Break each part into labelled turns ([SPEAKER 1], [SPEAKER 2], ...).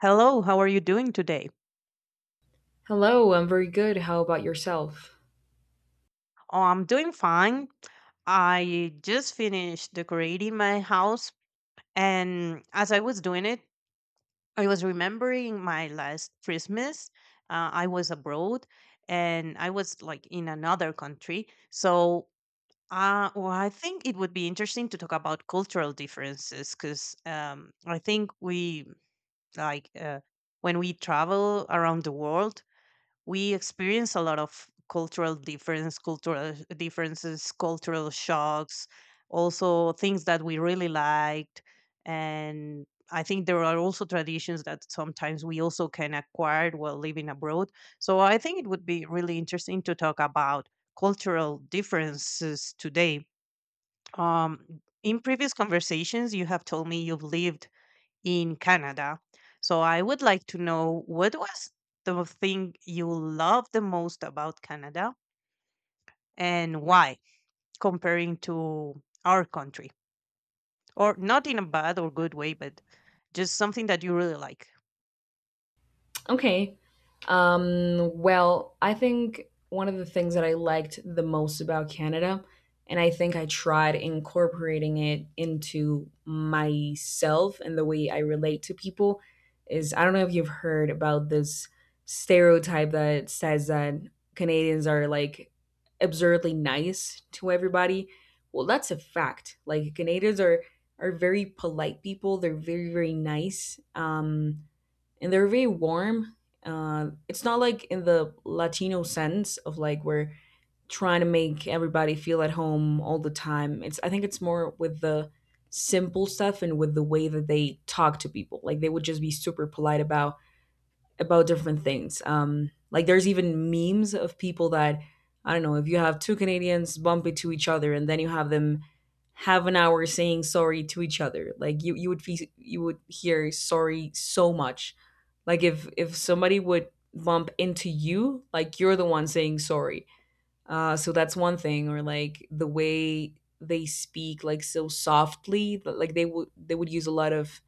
[SPEAKER 1] Hello, how are you doing today?
[SPEAKER 2] Hello, I'm very good. How about yourself?
[SPEAKER 1] Oh, I'm doing fine. I just finished decorating my house, and as I was doing it, I was remembering my last Christmas. I was abroad, and I was like in another country. So, I think it would be interesting to talk about cultural differences because I think we like uh, when we travel around the world, we experience a lot of cultural differences, cultural shocks, also things that we really liked. And I think there are also traditions that sometimes we also can acquire while living abroad. So I think it would be really interesting to talk about cultural differences today. Um, in previous conversations, you have told me you've lived in Canada. So I would like to know what was the thing you love the most about Canada and why, comparing to our country, or not in a bad or good way, but just something that you really like.
[SPEAKER 2] Okay. Well, I think one of the things that I liked the most about Canada, and I think I tried incorporating it into myself and the way I relate to people, is I don't know if you've heard about this stereotype that says that Canadians are like absurdly nice to everybody. Well, that's a fact. Like Canadians are very polite people. They're very very nice. And they're very warm. It's not like in the Latino sense of like we're trying to make everybody feel at home all the time. It's I think it's more with the simple stuff and with the way that they talk to people. Like they would just be super polite about different things. Like there's even memes of people that I don't know if you have two Canadians bump into each other and then you have them have an hour saying sorry to each other. Like you would hear sorry so much. Like if somebody would bump into you, like you're the one saying sorry. So that's one thing. Or like the way they speak, like so softly, but like they would use a lot of,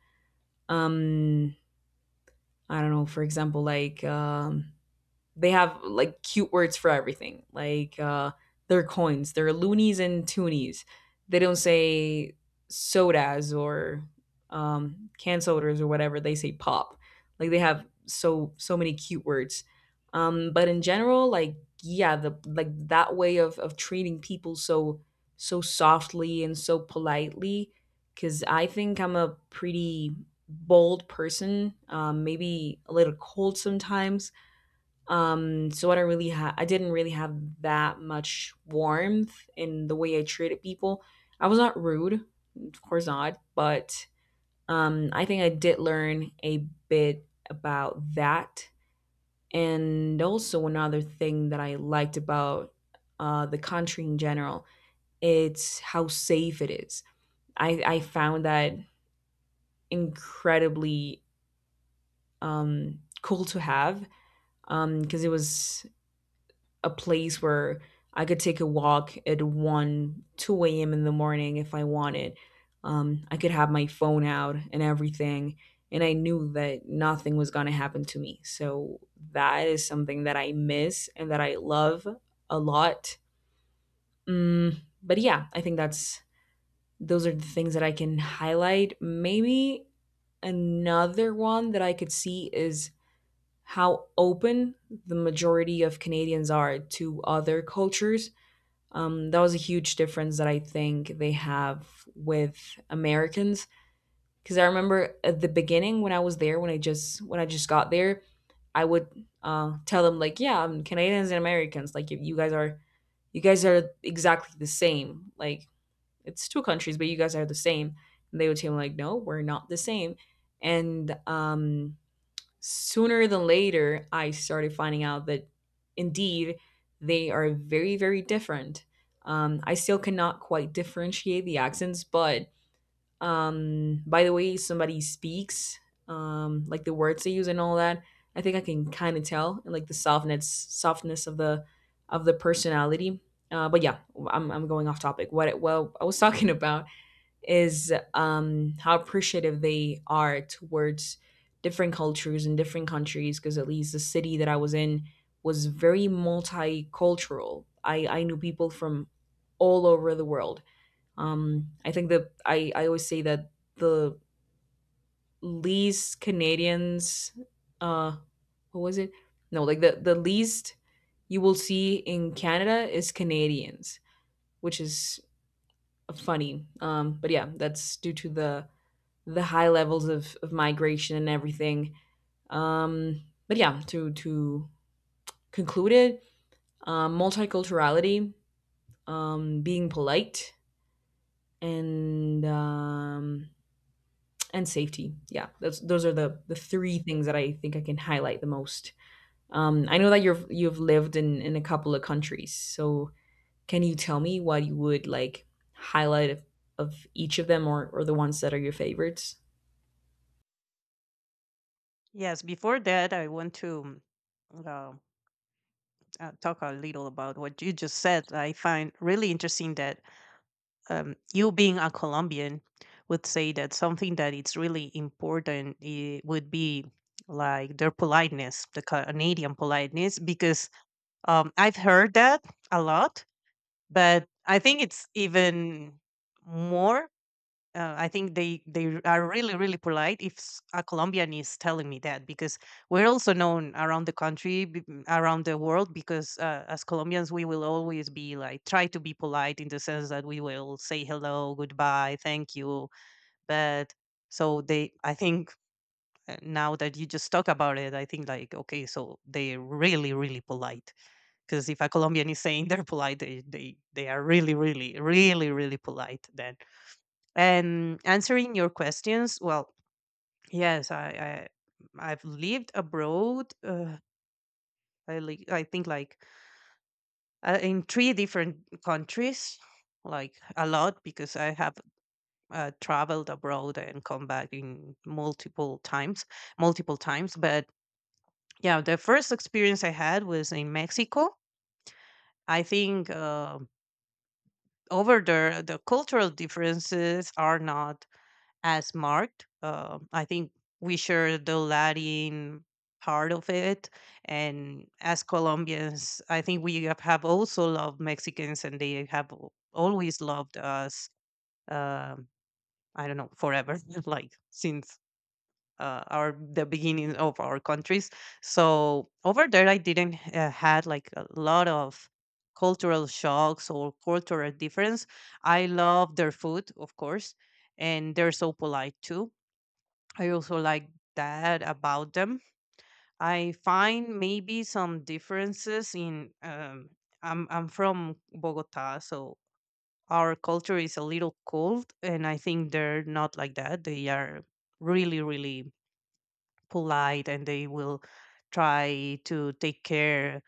[SPEAKER 2] um I don't know. For example, like, they have like cute words for everything, like, their coins are loonies and toonies. They don't say sodas or, canned sodas or whatever. They say pop. Like they have so many cute words. But in general, like, yeah, the, like, that way of treating people so so softly and so politely, because I think I'm a pretty bold person, maybe a little cold sometimes, so I didn't really have that much warmth in the way I treated people. I was not rude, of course not, but, I think I did learn a bit about that. And also another thing that I liked about, the country in general, it's how safe it is. I found that incredibly, cool to have, because it was a place where I could take a walk at 1, 2 a.m. in the morning if I wanted. I could have my phone out and everything. And I knew that nothing was going to happen to me. So that is something that I miss and that I love a lot. But yeah, I think that's those are the things that I can highlight. Maybe another one that I could see is how open the majority of Canadians are to other cultures. That was a huge difference that I think they have with Americans. Because I remember at the beginning when I was there, when I just got there, I would, tell them like, "Yeah, I'm Canadians and Americans. Like, you guys are exactly the same. Like, it's two countries, but you guys are the same." And they would tell me like, "No, we're not the same." And sooner than later, I started finding out that indeed they are very, very different. I still cannot quite differentiate the accents, but, by the way somebody speaks, like the words they use and all that, I think I can kind of tell, and like the softness of the personality. But yeah, I'm going off topic. What Well, I was talking about is, how appreciative they are towards different cultures and different countries. Because at least the city that I was in was very multicultural. I knew people from all over the world. I think that, I always say that the least Canadians, uh, what was it? No, like the least you will see in Canada is Canadians, which is funny. But yeah, that's due to the high levels of migration and everything. Um, but yeah, to conclude it, multiculturality, being polite, and um, and safety. Yeah, those are the three things that I think I can highlight the most. I know that you've lived in a couple of countries, so can you tell me what you would like highlight of each of them, or the ones that are your favorites?
[SPEAKER 1] Yes, before that, I want to uh, talk a little about what you just said. I find really interesting that you being a Colombian would say that something that it's really important would be like their politeness, the Canadian politeness, because I've heard that a lot, but I think it's even more I think they are really really polite. If a Colombian is telling me that, because we're also known around the country, around the world, because as Colombians we will always be like try to be polite in the sense that we will say hello, goodbye, thank you. But I think now that you just talk about it, I think like okay, so they're really really polite. Because if a Colombian is saying they're polite, they are really really really really polite then. And answering your questions, well, yes, I I've lived abroad. I think like in three different countries, like a lot because I have traveled abroad and come back in multiple times, multiple times. But yeah, the first experience I had was in Mexico. I think over there the cultural differences are not as marked. I think we share the Latin part of it, and as Colombians, I think we have also loved Mexicans, and they have always loved us. Um, I don't know forever, like since our the beginning of our countries. So over there, I didn't had like a lot of cultural shocks or cultural difference. I love their food, of course, and they're so polite too. I also like that about them. I find maybe some differences in. I'm from Bogota, so our culture is a little cold, and I think they're not like that. They are really really polite, and they will try to take care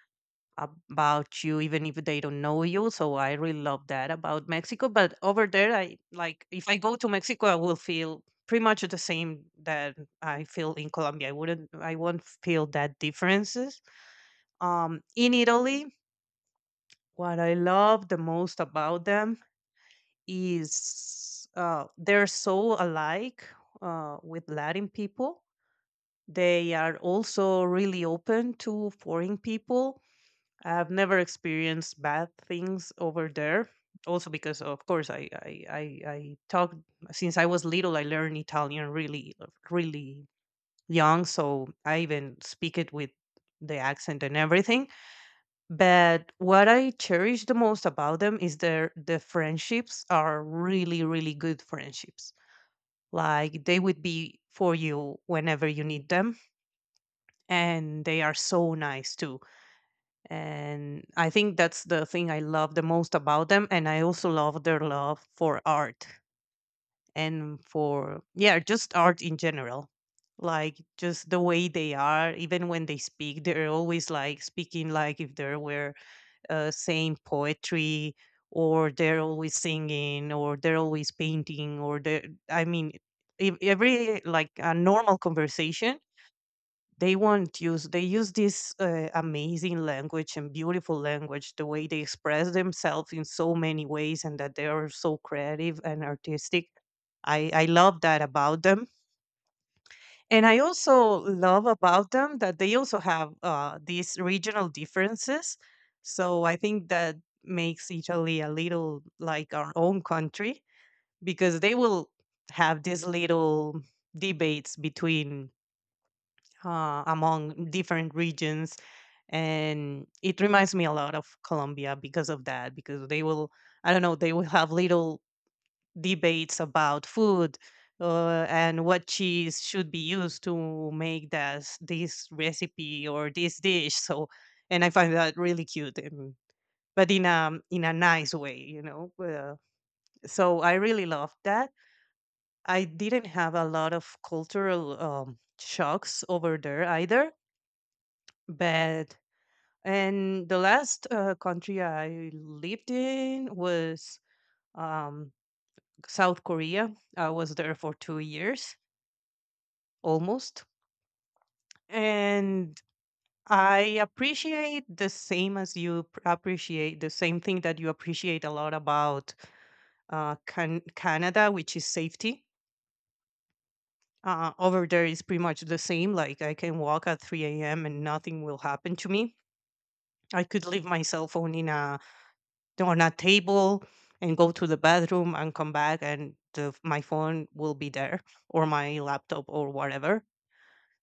[SPEAKER 1] about you even if they don't know you. So I really love that about Mexico, but over there, I like, if I go to Mexico I will feel pretty much the same that I feel in Colombia. I wouldn't I won't feel that differences. In Italy, what I love the most about them is they're so alike with Latin people. They are also really open to foreign people. I've never experienced bad things over there. Also because of course I talked, since I was little I learned Italian really really young, so I even speak it with the accent and everything. But what I cherish the most about them is the friendships are really really good friendships. Like they would be for you whenever you need them, and they are so nice too. And I think that's the thing I love the most about them. And I also love their love for art, and for, yeah, just art in general. Like just the way they are, even when they speak, they're always like speaking like if they were saying poetry, or they're always singing, or they're always painting, or they are, I mean, every like a normal conversation, they won't use they use this amazing language and beautiful language. The way they express themselves in so many ways, and that they are so creative and artistic, I love that about them. And I also love about them that they also have these regional differences. So I think that makes Italy a little like our own country, because they will have these little debates between, among different regions. And it reminds me a lot of Colombia because of that, because they will, I don't know, they will have little debates about food, and what cheese should be used to make this recipe or this dish. So, and I find that really cute and, but in a nice way, you know. So I really loved that. I didn't have a lot of cultural shocks over there either, but. And the last country I lived in was um, South Korea. I was there for 2 years almost. And I appreciate the same as you appreciate the same thing that you appreciate a lot about Canada, which is safety. Over there is pretty much the same. Like I can walk at 3 a.m. and nothing will happen to me. I could leave my cell phone in a, on a table, and go to the bathroom and come back, and my phone will be there, or my laptop or whatever.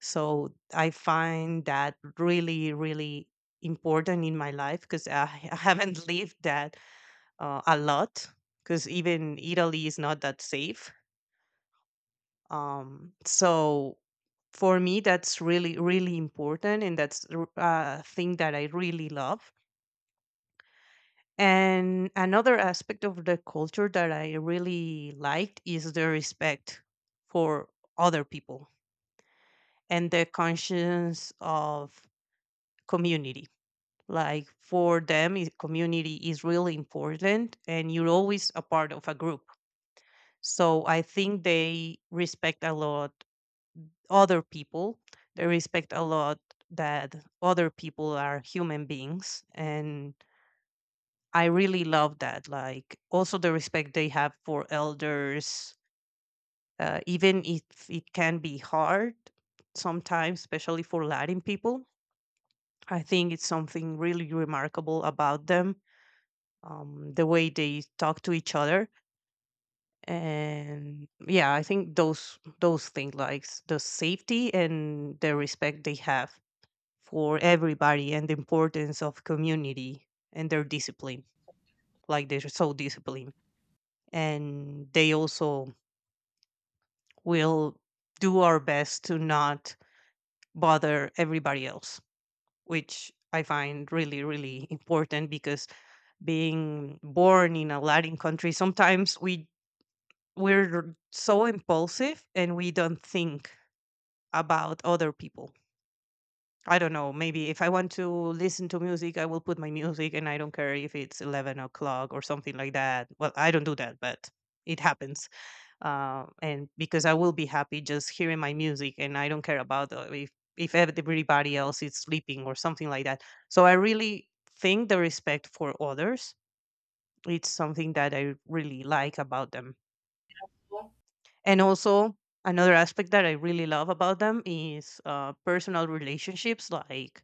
[SPEAKER 1] So I find that really really important in my life, because I haven't lived that a lot, because even Italy is not that safe. So for me that's really really important, and that's a thing that I really love. And another aspect of the culture that I really liked is the respect for other people and the conscience of community. Like for them, community is really important and you're always a part of a group. So I think they respect a lot other people. They respect a lot that other people are human beings, and I really love that. Like also the respect they have for elders, even if it can be hard sometimes, especially for Latin people. I think it's something really remarkable about them, the way they talk to each other. And yeah, I think those things like, the safety and the respect they have for everybody and the importance of community and their discipline. Like they're so disciplined. And they also will do our best to not bother everybody else, which I find really really important, because being born in a Latin country, sometimes we're so impulsive and we don't think about other people. I don't know, maybe if I want to listen to music, I will put my music and I don't care if it's 11 o'clock or something like that. Well, I don't do that, but it happens. And because I will be happy just hearing my music, and I don't care about if everybody else is sleeping or something like that. So I really think the respect for others, it's something that I really like about them. And also another aspect that I really love about them is personal relationships, like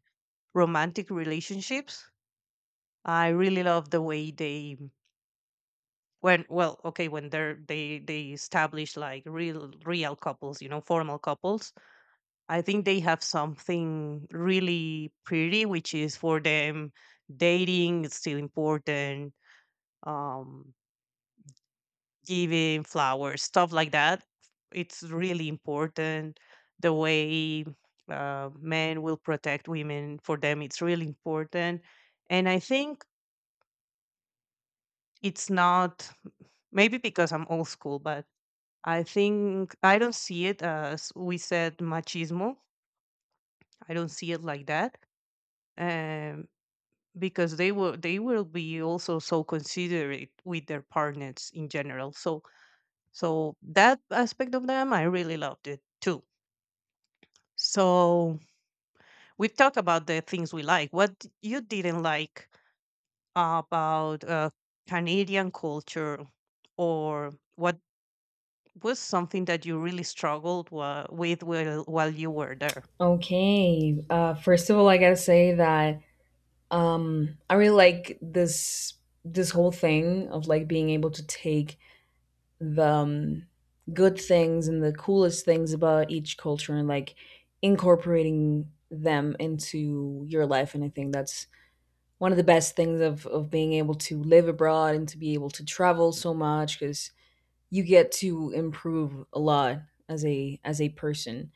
[SPEAKER 1] romantic relationships. I really love the way they, when, well, okay, when they're they establish like real real couples, you know, formal couples. I think they have something really pretty, which is, for them, dating is still important, um, giving flowers, stuff like that. It's really important. The way men will protect women, for them, it's really important. And I think it's not, maybe because I'm old school, but I think I don't see it as we said machismo. I don't see it like that. Um, because they will be also so considerate with their partners in general. So, so that aspect of them I really loved it too. So we talked about the things we like. What you didn't like about Canadian culture, or what was something that you really struggled with while you were there?
[SPEAKER 2] Okay. First of all, I gotta say that, I really like this whole thing of like being able to take the, good things and the coolest things about each culture and like incorporating them into your life, and I think that's one of the best things of being able to live abroad and to be able to travel so much because you get to improve a lot as a person.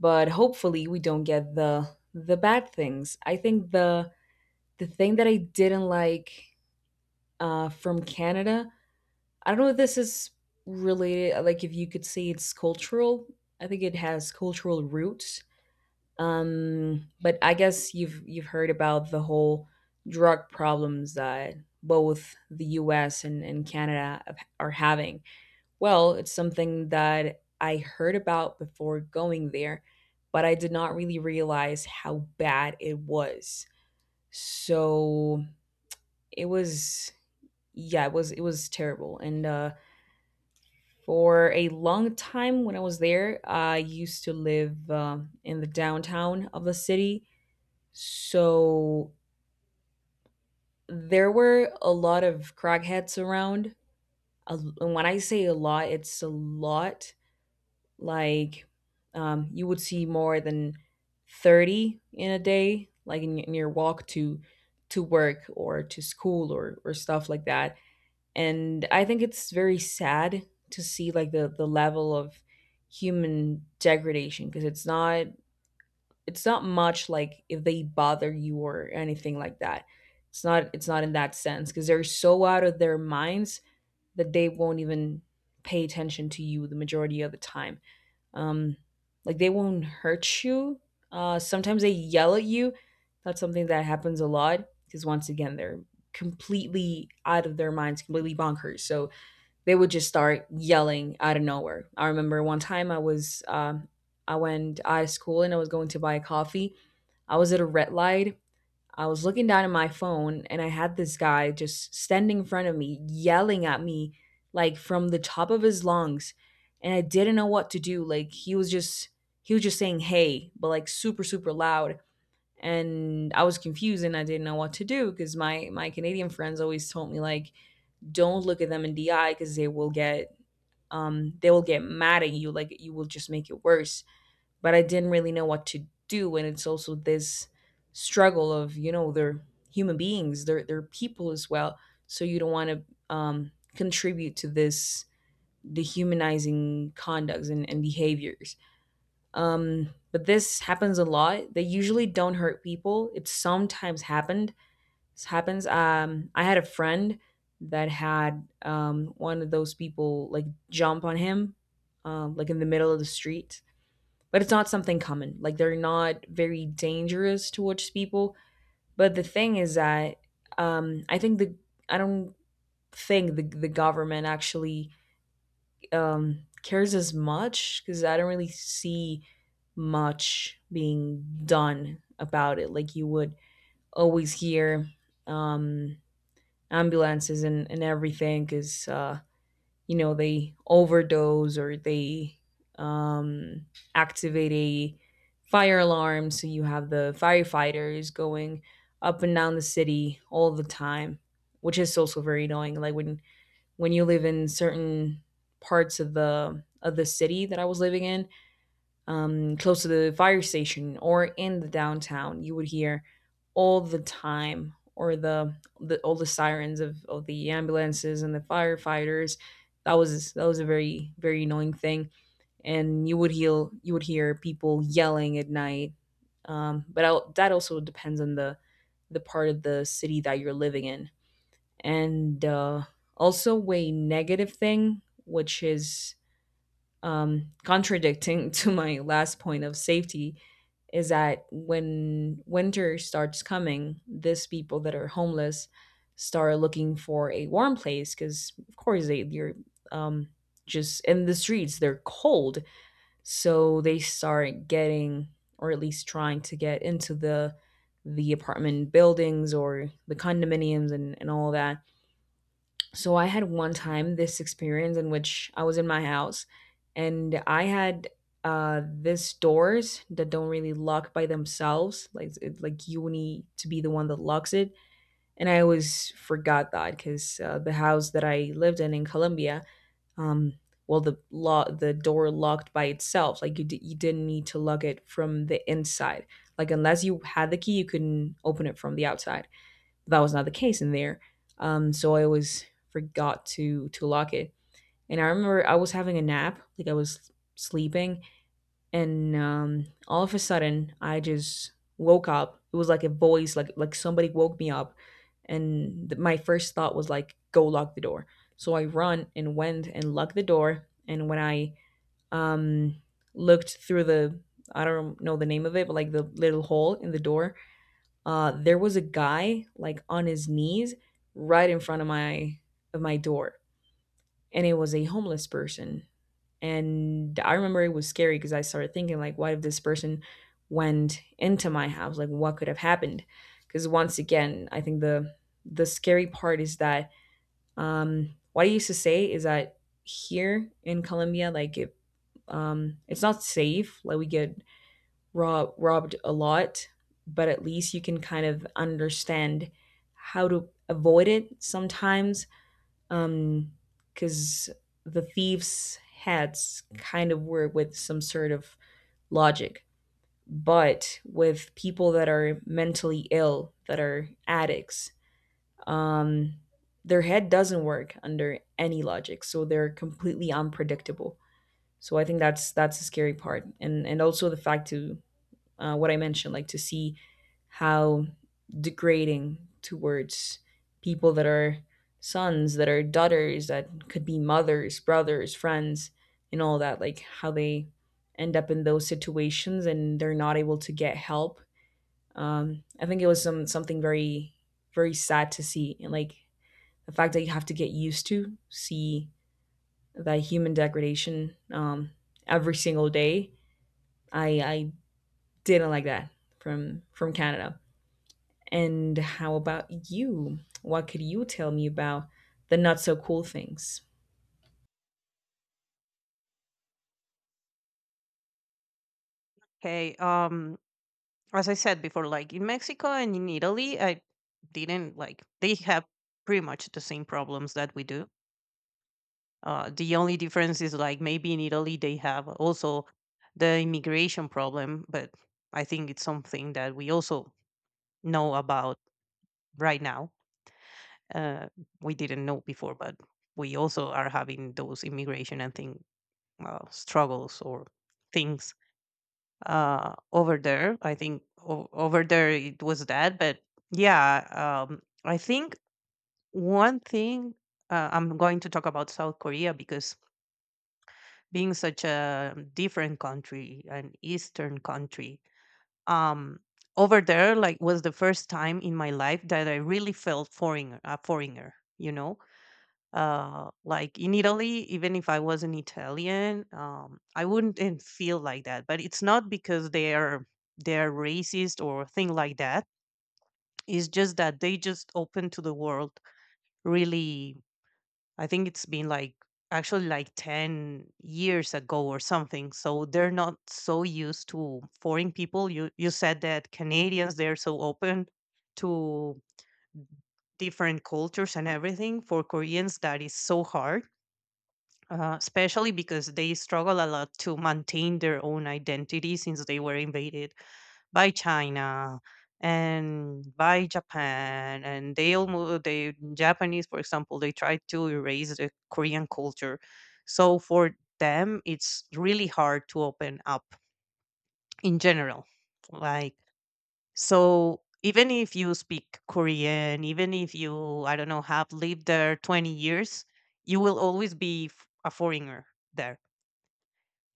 [SPEAKER 2] But hopefully we don't get the bad things. I think the thing that I didn't like, from Canada, I don't know if this is related, like if you could say it's cultural. I think it has cultural roots. But I guess you've heard about the whole drug problems that both the U.S. and Canada are having. Well, it's something that I heard about before going there, but I did not really realize how bad it was. So it was yeah, it was terrible. And for a long time when I was there, I used to live, in the downtown of the city, so there were a lot of crackheads around. And when I say a lot, it's a lot. Like, you would see more than 30 in a day, like in your walk to work or to school or stuff like that. And I think it's very sad to see like the level of human degradation, because it's not, much like if they bother you or anything like that. It's not, in that sense, because they're so out of their minds that they won't even pay attention to you the majority of the time. um like they won't hurt you. Sometimes they yell at you. That's something that happens a lot because, once again, they're completely out of their minds, completely bonkers, so they would just start yelling out of nowhere. I remember one time I went out of school and I was going to buy a coffee. I was at a red light. I was looking down at my phone and I had this guy just standing in front of me yelling at me, like from the top of his lungs, and I didn't know what to do. Like he was just saying, "Hey," but like super super loud, and I was confused and I didn't know what to do because my Canadian friends always told me, like, don't look at them in the eye because they will get mad at you. Like you will just make it worse. But I didn't really know what to do, and it's also this struggle of, they're human beings, they're people as well. So you don't want to, contribute to this dehumanizing conducts and behaviors. But this happens a lot. They usually don't hurt people. It sometimes happened, this happens. I had a friend that had, one of those people, like, jump on him, like in the middle of the street. But it's not something common. Like they're not very dangerous towards people. But the thing is that, I think the, I don't the government actually, cares as much, because I don't really see much being done about it. Like you would always hear, um, ambulances and everything because, they overdose or they, um, activate a fire alarm, so you have the firefighters going up and down the city all the time, which is also very annoying. Like when you live in certain parts of the city that I was living in, close to the fire station or in the downtown, you would hear all the time, or the all the sirens of the ambulances and the firefighters. That was a very very annoying thing, and you would hear, people yelling at night. But that also depends on the part of the city that you're living in, and, also a negative thing, which is, contradicting to my last point of safety, is that when winter starts coming, these people that are homeless start looking for a warm place because, of course, they're um, just in the streets. They're cold, so they start getting, or at least trying to get into the apartment buildings or the condominiums and all that. So I had one time this experience in which I was in my house and I had, this doors that don't really lock by themselves, like, like you need to be the one that locks it. And I always forgot that because, the house that I lived in Colombia, um well, the the door locked by itself, like, you didn't need to lock it from the inside. Like, unless you had the key, you couldn't open it from the outside. That was not the case in there. So I always forgot to lock it. And I remember I was having a nap, like I was sleeping, and, all of a sudden I just woke up. It was like a voice, like, somebody woke me up, and my first thought was like, "Go lock the door." So I run and went and locked the door. And when I, um, looked through the, I don't know the name of it, but, like, the little hole in the door, there was a guy like on his knees right in front of my, door, and it was a homeless person. And I remember it was scary because I started thinking, like, what if this person went into my house? Like, what could have happened? Because, once again, I think the scary part is that, what I used to say is that here in Colombia, like, it's not safe. Like, we get, robbed a lot, but at least you can kind of understand how to avoid it sometimes. Um, because the thieves' heads kind of work with some sort of logic. But with people that are mentally ill, that are addicts, um, their head doesn't work under any logic, so they're completely unpredictable. So I think that's, the scary part, and also the fact to, what I mentioned, like to see how degrading towards people that are sons, that are daughters, that could be mothers, brothers, friends, and all that, like how they end up in those situations and they're not able to get help. I think it was something very, very sad to see, and like the fact that you have to get used to see that human degradation, every single day. I didn't like that from Canada. And how about you? What could you tell me about the not so cool things?
[SPEAKER 1] Okay, as I said before, like in Mexico and in Italy, I didn't like, they have pretty much the same problems that we do. The only difference is like maybe in Italy they have also the immigration problem, but I think it's something that we also know about right now. Uh, we didn't know before, but we also are having those immigration and thing struggles or things over there. I think over there it was that. But yeah. I think one thing, I'm going to talk about South Korea because being such a different country, an eastern country. um Over there, like, was the first time in my life that I really felt foreigner a foreigner, you know. Like in Italy, even if I was an Italian, I wouldn't and feel like that, but it's not because they are they're racist or thing like that. It's just that they just open to the world, really. I think it's been like actually like 10 years ago or something, so they're not so used to foreign people. You said that Canadians, they're so open to different cultures and everything. For Koreans, that is so hard. Especially because they struggle a lot to maintain their own identity since they were invaded by China and by Japan. And they almost, the Japanese, for example, they tried to erase the Korean culture. So for them, it's really hard to open up in general. Like, so even if you speak Korean, even if you, I don't know, have lived there 20 years, you will always be a foreigner there,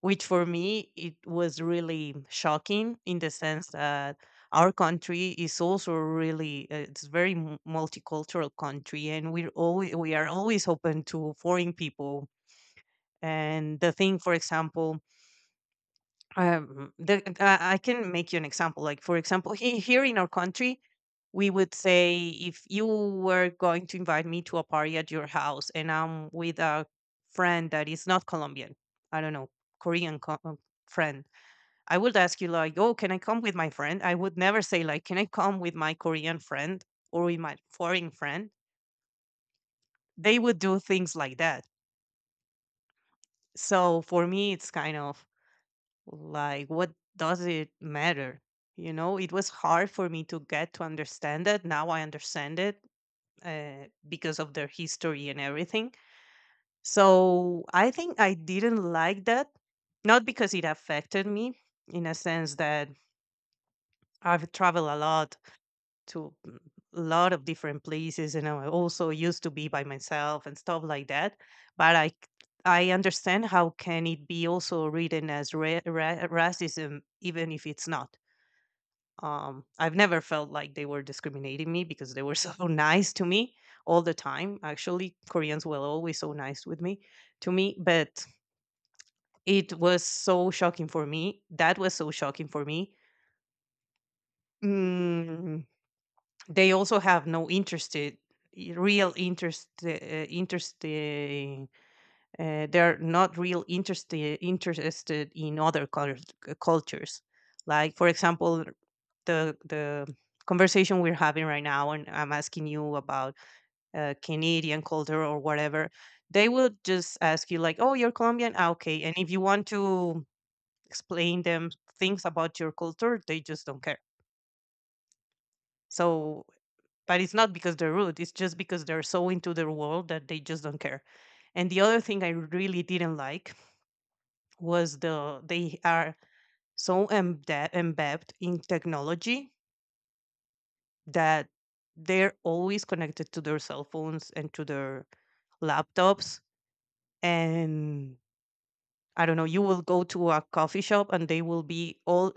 [SPEAKER 1] which for me it was really shocking in the sense that our country is also really it's very multicultural country, and we are always open to foreign people. And the thing, for example, I can make you an example. Like, for example, here in our country, we would say, if you were going to invite me to a party at your house and I'm with a friend that is not Colombian, I don't know, korean co- uh, friend, I would ask you like, "Oh, can I come with my friend?" I would never say like, "Can I come with my Korean friend or with my foreign friend?" They would do things like that. So for me, it's kind of like, what does it matter? You know, it was hard for me to get to understand it. Now I understand it, because of their history and everything. So I think I didn't like that, not because it affected me, in a sense that I've traveled a lot to a lot of different places, and I also used to be by myself and stuff like that. But I c- I understand how can it be also written as racism even if it's not. I've never felt like they were discriminating me because they were so nice to me all the time. Actually, Koreans were always so nice with me to me, but it was so shocking for me. That was so shocking for me. Mm, they also have no interested real interest, interesting they're not real interested in other cultures. Like, for example, the conversation we're having right now, and I'm asking you about Canadian culture or whatever. They will just ask you like, "Oh, you're Colombian, ah, okay," and if you want to explain them things about your culture, they just don't care. So, but it's not because they're rude, it's just because they're so into their world that they just don't care. And the other thing I really didn't like was they are so embedded in technology that they're always connected to their cell phones and to their laptops. And I don't know, you will go to a coffee shop and they will be all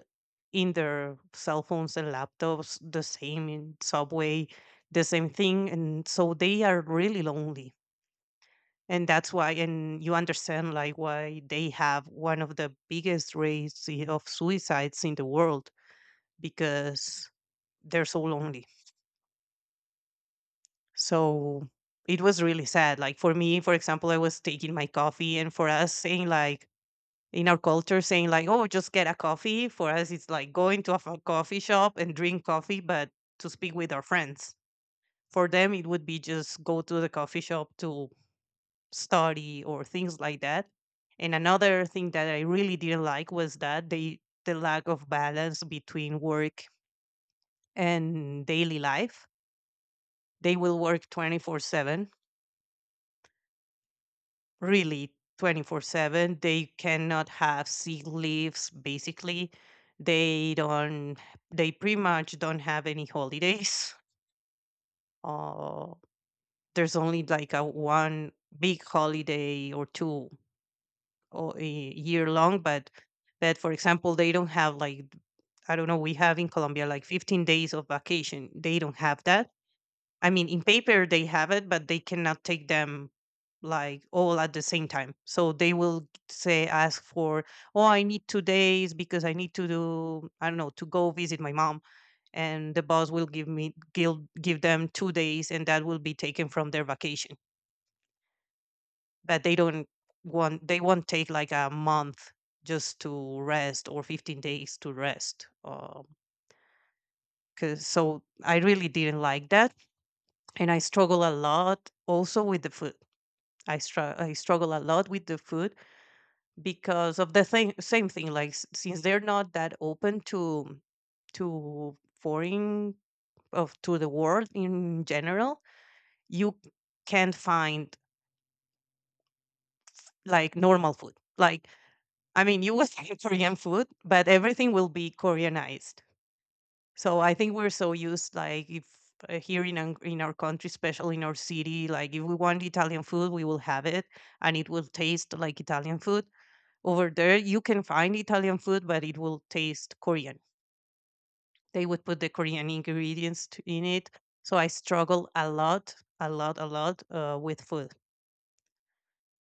[SPEAKER 1] in their cell phones and laptops, the same in subway, the same thing. And so they are really lonely, and that's why, and you understand like why they have one of the biggest rates of suicides in the world, because they're so lonely. So it was really sad. Like for me, for example, I was taking my coffee, and for us saying like, in our culture, saying like, oh, just get a coffee, for us it's like going to a coffee shop and drink coffee, but to speak with our friends. For them, it would be just go to the coffee shop to study or things like that. And another thing that I really didn't like was that the lack of balance between work and daily life. They will work 24/7, really, 24/7. They cannot have sick leaves basically. They don't they pretty much don't have any holidays. Uh, there's only like a one big holiday or two all, year long. But for example, they don't have like, I don't know. We have in Colombia like 15 days of vacation. They don't have that. I mean, in paper they have it, but they cannot take them like all at the same time. So they will say ask for, oh, I need 2 days because I need to do, I don't know, to go visit my mom, and the boss will give me give give them 2 days, and that will be taken from their vacation. But they don't want they won't take like a month just to rest, or 15 days to rest. 'Cause so I really didn't like that. And I struggle a lot also with the food. I struggle a lot with the food because of the thing, same thing. Like, since they're not that open to foreign, of to the world in general, you can't find like normal food. Like, I mean, you will say Korean food, but everything will be Koreanized. So I think we're so used, like, if here in our country, especially in our city, like if we want Italian food, we will have it, and it will taste like Italian food. Over there, you can find Italian food, but it will taste Korean. They would put the Korean ingredients in it. So I struggle a lot, a lot, a lot, with food.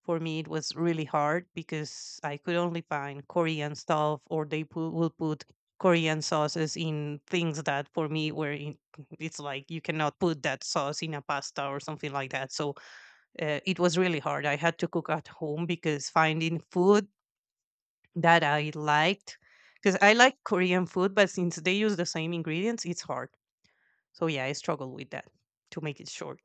[SPEAKER 1] For me it was really hard because I could only find Korean stuff, or they will put Korean sauces in things that for me it's like you cannot put that sauce in a pasta or something like that. So, it was really hard. I had to cook at home because finding food that I liked, because I like Korean food, but since they use the same ingredients, it's hard. So yeah, I struggle with that, to make it short.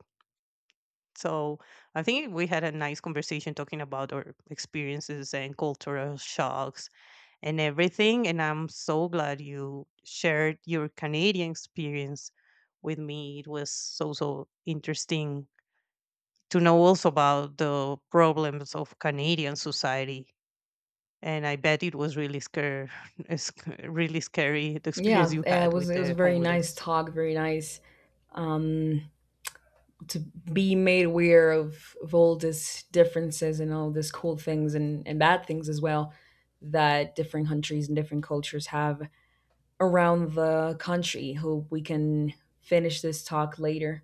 [SPEAKER 1] So I think we had a nice conversation talking about our experiences and cultural shocks and everything. And I'm so glad you shared your Canadian experience with me. It was so, so interesting to know also about the problems of Canadian society. And I bet it was really scary, really scary, the experience
[SPEAKER 2] Yeah,
[SPEAKER 1] you
[SPEAKER 2] it
[SPEAKER 1] had
[SPEAKER 2] was
[SPEAKER 1] with
[SPEAKER 2] it was a
[SPEAKER 1] the
[SPEAKER 2] very nice
[SPEAKER 1] homeless.
[SPEAKER 2] talk, very nice, um, to be made aware of, all these differences and all these cool things and bad things as well that different countries and different cultures have around the country. Hope we can finish this talk later.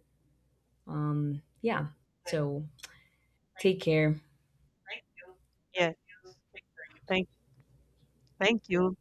[SPEAKER 2] Yeah, so take care.
[SPEAKER 1] Yeah. Thank, thank you.